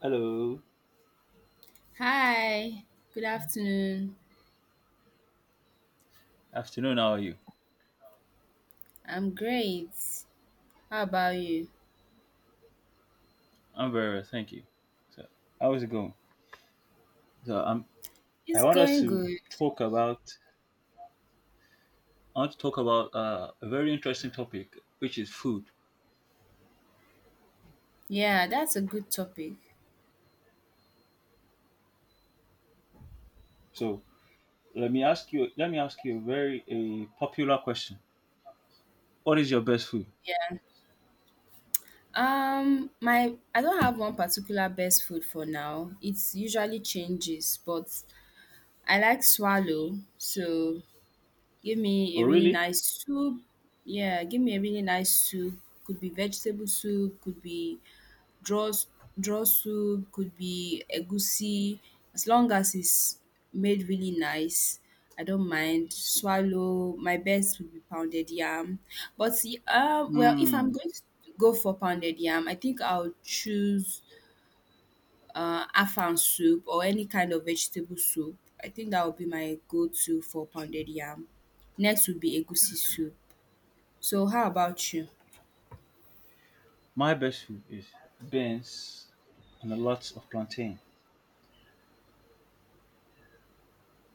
Hello. Hi, good afternoon. Afternoon, how are you? I'm great. How about you? I'm very well, thank you. So, how is it going? So, I'm. I It's want us going to good. talk about, I want to talk about a very interesting topic, which is food. Yeah, that's a good topic. So, let me ask you a very a popular question. What is your best food? Yeah. My I don't have one particular best food for now. It usually changes, but I like swallow. So give me a Oh, really really? nice soup. Yeah, give me a really nice soup. Could be vegetable soup, could be draw s- draw soup, could be egusi, as long as it's made really nice, I don't mind. Swallow, my best would be pounded yam. But see, well, if I'm Hmm. going to go for pounded yam, I think I'll choose afang soup or any kind of vegetable soup. I think that would be my go-to for pounded yam. Next would be egusi soup. So how about you? My best food is beans and a lot of plantain.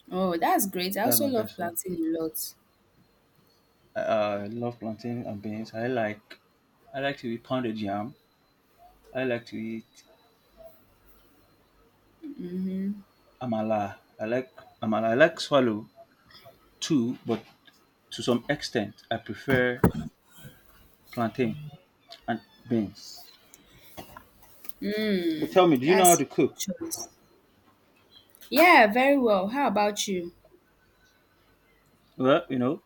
Oh, that's great. I That's also my love best food. plantain a lot. I love plantain and beans. I like to eat pounded yam. I like to eat Amala. I like amala. I like swallow too, but to some extent, I prefer plantain and beans. So tell me, do you know how That's a to good cook? choice. Yeah, very well. How about you? Well, you know,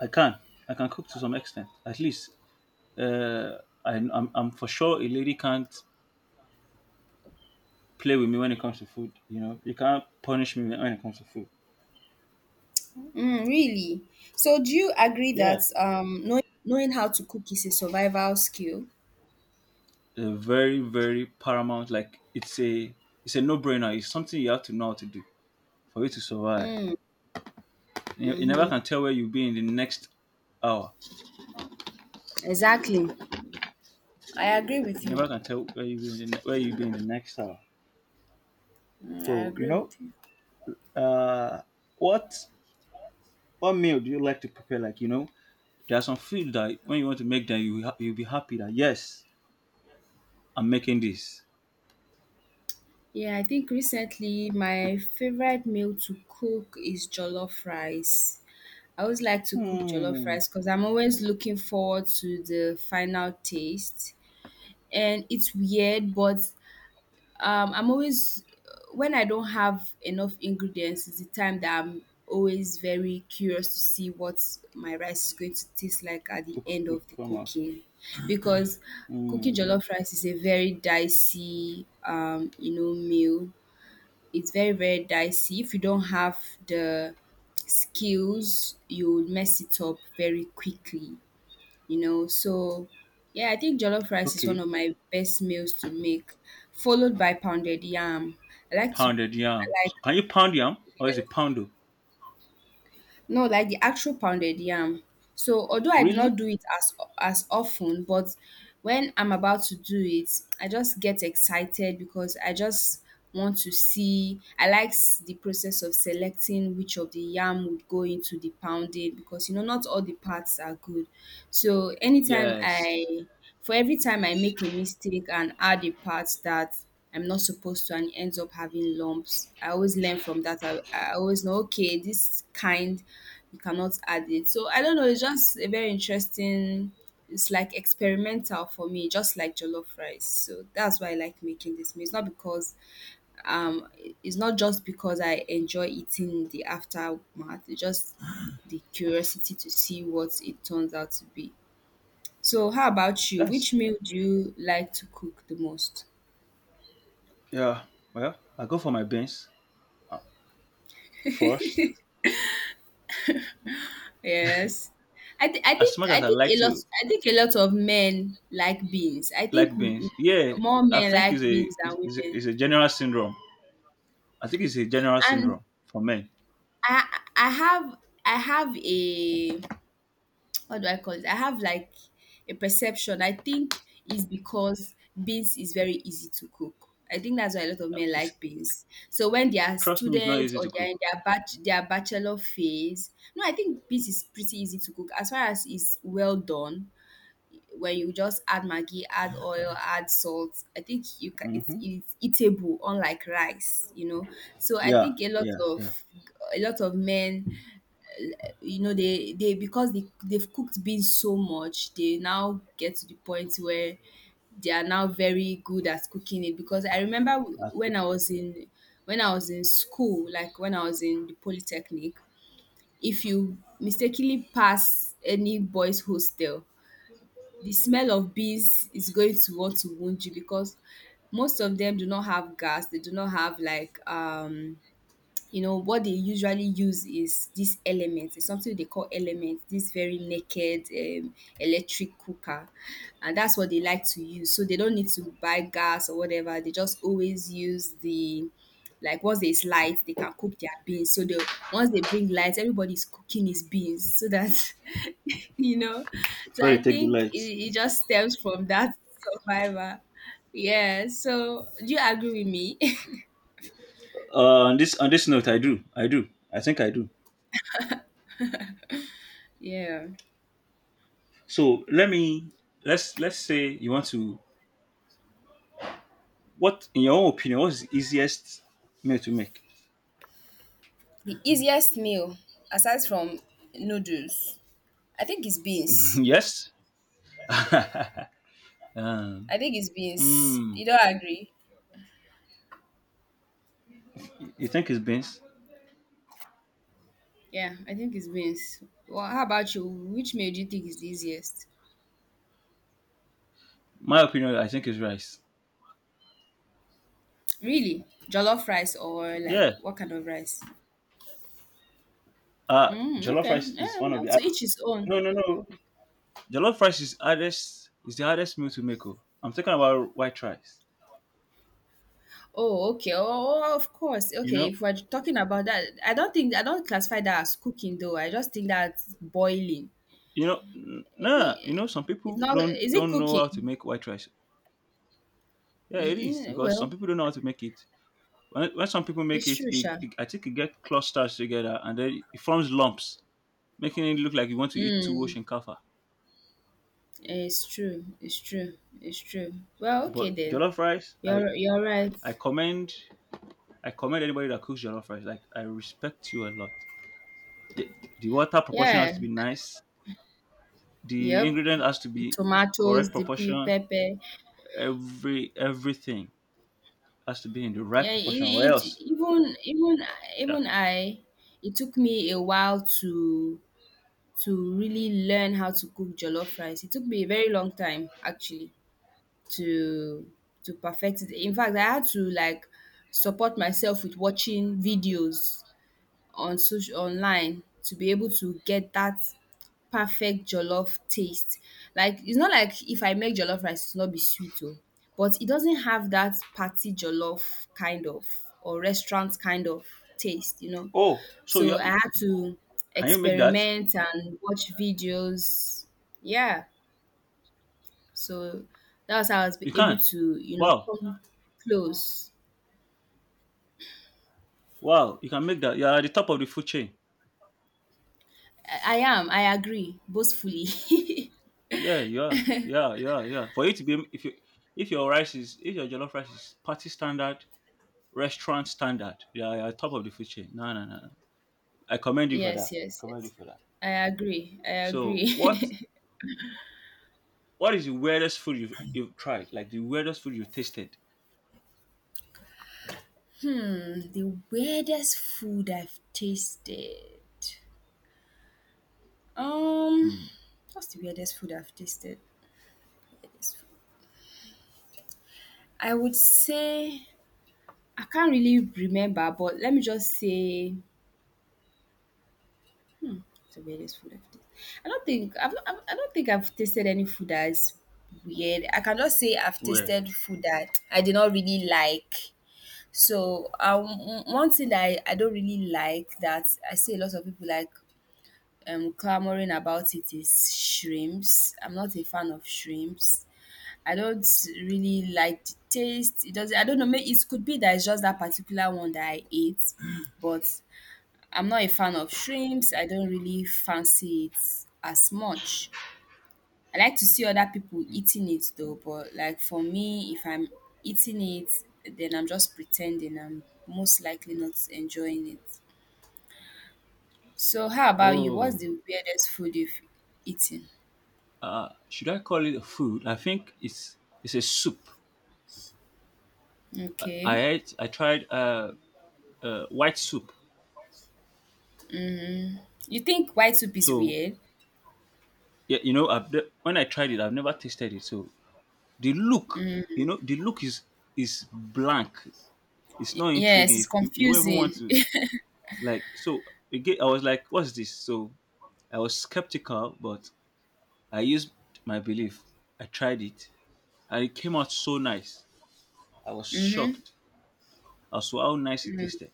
I can. I can cook to some extent. At least, uh, I'm for sure a lady can't play with me when it comes to food. You know, you can't punish me when it comes to food. Mm, really? So, do you agree Yeah, that knowing how to cook is a survival skill? a very paramount. Like it's a no brainer. It's something you have to know how to do for you to survive. Mm, You never can tell where you'll be in the next hour. exactly. I agree with You you. never can tell where you be in where you be in the next hour. Mm, I So you agree know, with you. uh, what what meal do you like to prepare? Like you know, there are some food that when you want to make them, you'll be happy that yes, I'm making this. Yeah, I think recently So my favorite meal to cook is jollof rice. I always like to cook jollof hmm, rice because I'm always looking forward to the final taste. And it's weird, but I'm always, when I don't have enough ingredients is the time that I'm always very curious to see what my rice is going to taste like at the end of the come on. cooking, because cooking Hmm. jollof rice is a very dicey meal. It's very very dicey. If you don't have the skills, you'll mess it up very quickly. So yeah, I think jollof rice is one Okay, of my best meals to make, followed by pounded yam. I like to pounded yam. I like So can you pound yam or is it poundo? No, like the actual pounded yam. So although I do not Really? do it as often, but when I'm about to do it, I just get excited because I just want to see. I like the process of selecting which of the yam would go into the pounding, because you know not all the parts are good. So Yes. For every time I make a mistake and add a part that I'm not supposed to, and it ends up having lumps. I always learn from that. I always know, okay, this kind, you cannot add it. So I don't know. It's just a very interesting. It's like experimental for me, just like jollof rice. So that's why I like making this meal. Um, it's not just because I enjoy eating in the aftermath. It's just the curiosity to see what it turns out to be. So how about you? Which That's meal do you like to cook the most? yeah. Well, I go for my beans uh, first. Yes. I, th- I As think much I as I think a like lot to of men like beans. I think like beans, yeah, more I men think like beans than women. it's a general syndrome. I think it's a general And syndrome for men. I I have a what do I call it? I have like a perception. I think is because beans is very easy to cook. I think that's why a lot of Uh, men it's- like beans. So when they are trust me, it's not students easy or to they are cook. in their bachelor phase, no, I think beans is pretty easy to cook as far as it's well done, where you just add maggi, add oil, add salt. I think you can, it's, Hmm. it's eatable, unlike rice. You know, so I Yeah, think a lot of yeah. a lot of men, they because they've cooked beans so much, they now get to the point where they are now very good at cooking it. Because I remember I when cook. I was in school, like when I was in the polytechnic, if you mistakenly pass any boys' hostel, the smell of bees is going to want to wound you, because most of them do not have gas. They do not have like what they usually use is this element. It's something they call element, this very naked electric cooker, and that's what they like to use, so they don't need to buy gas or whatever. They just always use the like once there's light they can cook their beans, so the once they bring light, everybody's cooking his beans, so that you know so I Sorry, take the think it, lights. it just stems from that survivor, yeah, so do you agree with me? On this note, I do, I think I do. Yeah. So let me let's say you want to. What in your own opinion? What's the easiest meal to make? The easiest meal aside from noodles, I think it's beans. Yes. um, I think it's beans. mm, You don't agree? you think it's beans? Yeah, I think it's beans. Well, how about you? Which meal do you think is the easiest? My opinion, I think, is rice. Really? Jollof rice or like Yeah. what kind of rice? Uh Mm, jollof okay. rice is Yeah, one of well, the to each his own. No. Jollof rice is hardest is the hardest meal to make. Oh. I'm talking about white rice. Oh, okay. Oh, of course. You Okay, know, if we're talking about that, I don't classify that as cooking though. I just think that's boiling. you know, nah. You know, some It's people not. Is it don't know how to cooking? make white rice. Yeah, Mm, it is mm, because some well, people don't know how to make it. When some people make it's it, true, Sha. I think it gets clusters together and then it forms lumps, making it look like you want to eat two ocean kaffa. It's true, it's true, it's true. Well, okay But then. jollof rice, You're right. I commend I commend anybody that cooks jollof rice. Like I respect you a lot. The, the water proportion has Yeah. to be nice. The Yep. ingredient has to The be tomatoes, correct the pe proportion. pepper. Everything has to be in the right Yeah, it, proportion, or it else. even even Yeah. even I it took me a while to really learn how to cook jollof rice. It took me a very long time actually to to perfect it. In fact, I had to like support myself with watching videos on social online to be able to get that perfect jollof taste. Like it's not like if I make jollof rice it's not be sweet oh, but it doesn't have that party jollof kind of or restaurant kind of taste, you know. Oh, so you So I had to can you make that? experiment and watch videos. Yeah. So that was how I was be- You able can. to, Wow, come close. wow, you can make that. You're at the top of the food chain. I agree, boastfully. Yeah, yeah. For you to be if your rice is if your jollof rice is party standard, restaurant standard, yeah, you're at the top of the food chain. No, No. I commend you for Yes, that. I yes, commend you yes. for that. I agree. I So, agree. what is the weirdest food you've tried? Like the weirdest food you've tasted? The weirdest food I've tasted. Um, Hmm. what's the weirdest food I've tasted? Weirdest food. I would say I can't really remember, but let me just say, hmm, what's the weirdest food I've tasted. I don't think I've tasted any food that's weird. I cannot say I've Weird. tasted food that I did not really like. So, one thing that I don't really like, that I see a lot of people like clamoring about, it is shrimps. I'm not a fan of shrimps. I don't really like the taste. It does I don't know. It could be that it's just that particular one that I ate, but I'm not a fan of shrimps. I don't really fancy it as much. I like to see other people eating it though, but like for me, if I'm eating it, then I'm just pretending. I'm most likely not enjoying it. So how about you? What's Oh, the weirdest food you've eaten? Should I call it a food? I think it's a soup. Okay, I ate. I tried white soup. you think white soup is So weird? yeah, you know, when I tried it, I've never tasted it. So the look, you know, the look is blank. It's not yes, intriguing. it's You, you won't even confusing. want to like. So again, I was like, "What's this?" So I was skeptical, but I used my belief. I tried it. And it came out so nice. I was shocked as to how nice it tasted.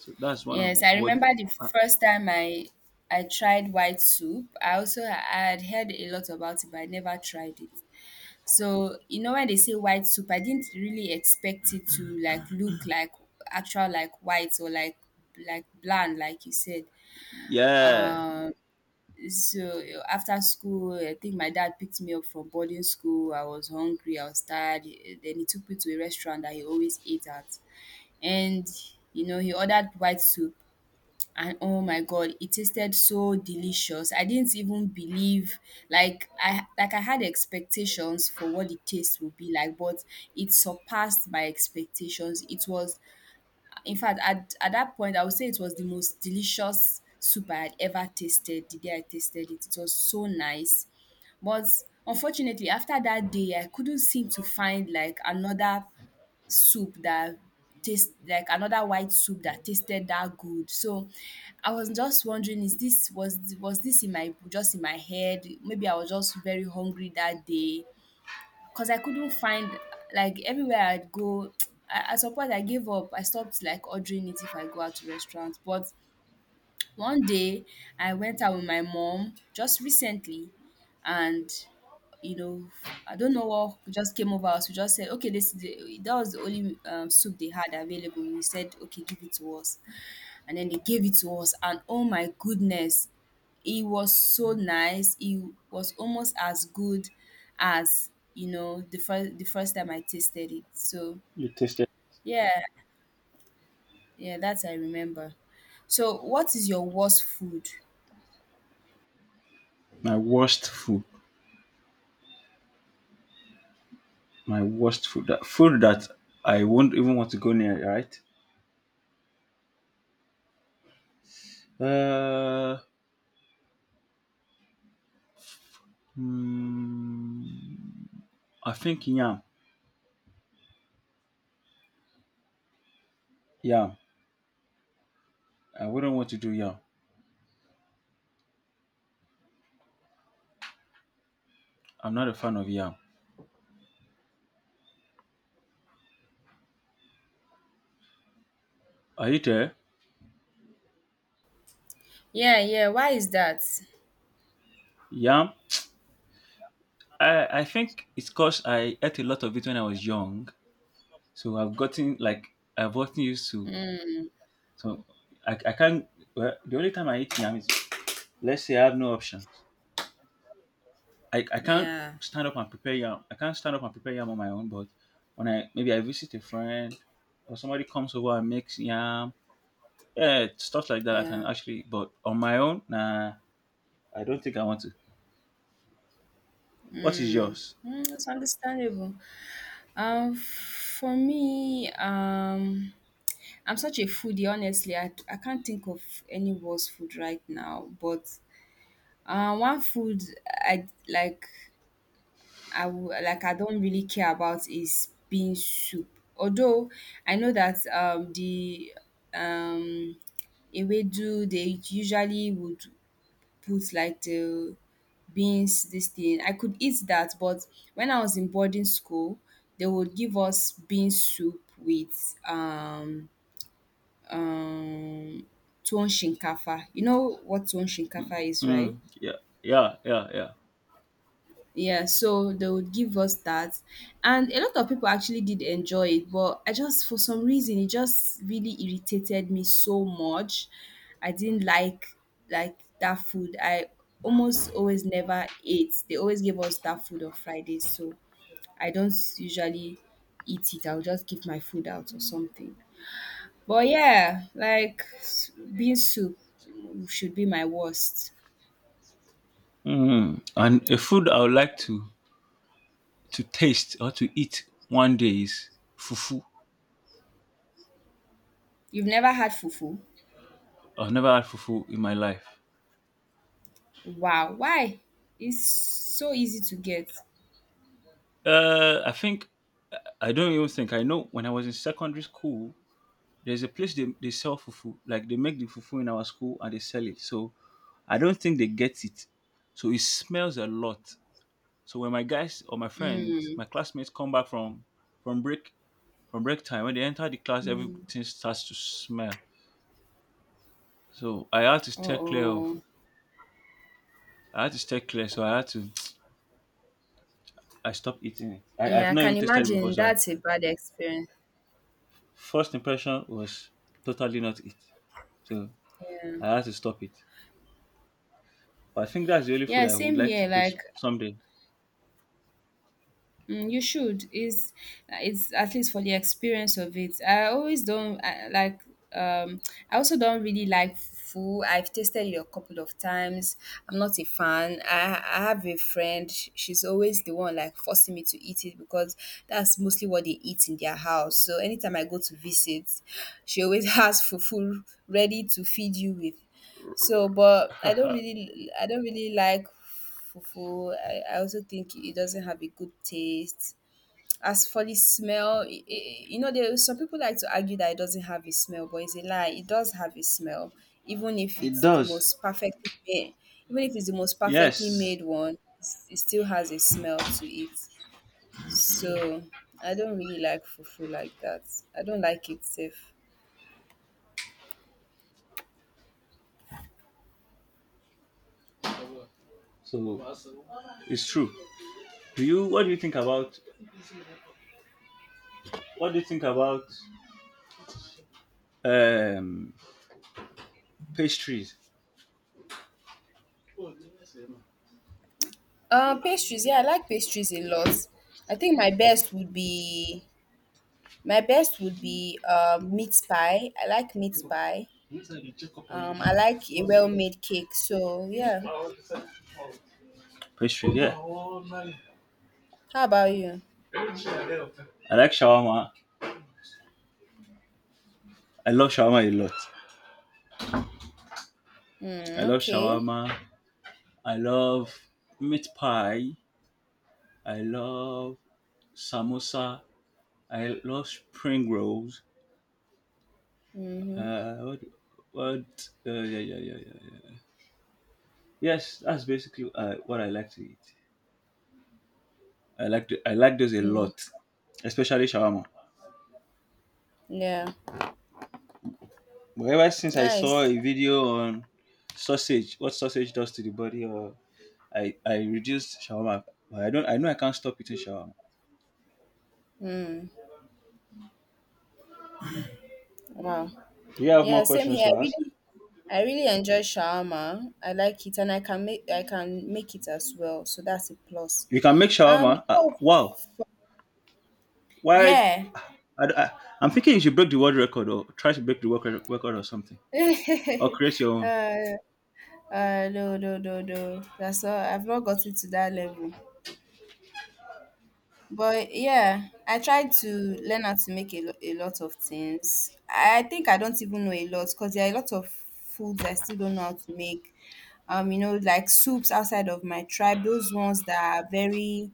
So that's one of Yes, the- I what remember the uh, first time I tried white soup. I also I had heard a lot about it, but I never tried it. So, when they say white soup, I didn't really expect it to like look like actual like white or like bland, like you said. yeah. Um, so after school, I think my dad picked me up from boarding school. I was hungry, I was tired. Then he took me to a restaurant that he always ate at, and he ordered white soup. And oh my god, it tasted so delicious. I didn't even believe, like, I had expectations for what the taste would be like, but it surpassed my expectations. It was, in fact, at that point, I would say it was the most delicious soup I had ever tasted the day I tasted it. It was so nice. But unfortunately, after that day, I couldn't seem to find like another soup that taste like another white soup that tasted that good. So I was just wondering, is this was this in my just in my head? Maybe I was just very hungry that day, because I couldn't find, like, everywhere I'd go. At some point, I gave up. I stopped like ordering it if I go out to restaurants. But one day, I went out with my mom just recently, and you know, I don't know what just came over us. We just said, okay, that was the only soup they had available. We said, okay, give it to us. And then they gave it to us, and oh my goodness, it was so nice. It was almost as good as the first time I tasted it. So You tasted yeah, yeah, that I remember. So what is your worst food? my worst food. My worst food. That food that I won't even want to go near, right? Uh hmm, I think yam. Yam. I wouldn't want to do yam. I'm not a fan of yam. Are you there? Yeah, yeah, why is that? Yam. I think it's because I ate a lot of it when I was young. So I've gotten used to Mm, so I can't the only time I eat yam is let's say I have no options. I can't yeah, stand up and prepare yam. I can't stand up and prepare yam on my own, but when I visit a friend or somebody comes over and makes yam, yeah, stuff like that I yeah. can actually but on my own, nah I don't think I want to. What is yours? Mm, it's understandable. For me, I'm such a foodie. Honestly, I can't think of any worst food right now. But one food I like I I don't really care about is bean soup. Although I know that the um ewedu they usually would put like the beans this thing. I could eat that, but when I was in boarding school, they would give us bean soup with um tuwon shinkafa. You know what tuwon shinkafa is, right? Mm, yeah, yeah. Yeah, so they would give us that. And a lot of people actually did enjoy it, but I just, for some reason, it just really irritated me so much. I didn't like that food. I almost always never ate. They always gave us that food on Fridays, so I don't usually eat it. I'll just give my food out or something. But yeah, bean soup should be my worst. Mm. And a food I would like to taste or to eat one day is fufu. You've never had fufu? I've never had fufu in my life. Wow, why? It's so easy to get. I think I don't even think I know. When I was in secondary school, there's a place they sell fufu. Like they make the fufu in our school and they sell it. So I don't think they get it. So it smells a lot. So when my guys or my friends, my classmates come back from from break from break time, when they enter the class, Mm. everything starts to smell. So I had to Oh, stay clear of. oh. I had to stay clear. So I had to. I stopped eating it. Yeah, I've I not can even tasted it before. imagine that's a bad experience. First impression was totally not it. So Yeah. I had to stop it. But I think that's the only food Yeah, I would same like to here. Like taste someday. Mm, you should. Is It's at least for the experience of it. I always don't I, like. Um, I also don't really like fufu. I've tasted it a couple of times. I'm not a fan. I have a friend. She's always the one like forcing me to eat it because that's mostly what they eat in their house. So anytime I go to visit, she always has fufu ready to feed you with. So, but I don't really like fufu. I also think it doesn't have a good taste. As for the smell, I you know, there some people like to argue that it doesn't have a smell, but it's a lie. It does have a smell, even if It it's the does. most perfectly made. Even if it's the most perfectly Yes. made one, it still has a smell to it. So I don't really like fufu like that. I don't like it safe. So it's true. Do you what do you think about what do you think about um pastries? Pastries, yeah, I like pastries a lot. I think my best would be My best would be meat pie. I like meat pie. I like a well-made cake. So yeah. Pastries, yeah. I How about you? like shawarma. I love shawarma a lot. I Mm, love okay. shawarma. I love meat pie. I love samosa. I love spring rolls. Mm-hmm. What? What? Yeah, yeah. Yes, that's basically what I like to eat. I like those a Mm, lot, especially shawarma. yeah. But ever since I saw Nice. a video on sausage, what sausage does to the body, or I reduced shawarma. But I don't. I know I can't stop eating shawarma. Mm, wow. Do you have Yeah. more Same questions here. to ask? I really enjoy shawarma. I like it, and I can make it as well. So that's a plus. You can make shawarma. Oh, Wow. Why? yeah. I, I, I'm thinking you should break the world record or try to break the world record or something, or create your uh, own. uh, no, no, no, no. That's all. I've not gotten to that level. But yeah, I tried to learn how to make a lot of things. I think I don't even know a lot because there are a lot of foods I still don't know how to make. You know, like soups outside of my tribe, those ones that are very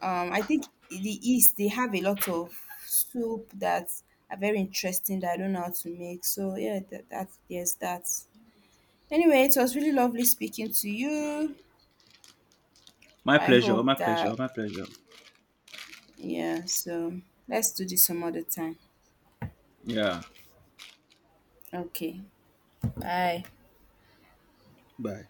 I think in the East they have a lot of soup that are very interesting that I don't know how to make. So yeah, that, that yes that. Anyway, it was really lovely speaking to you. My I pleasure. hope that My pleasure. yeah, so let's do this some other time. Yeah. Okay. Bye. Bye.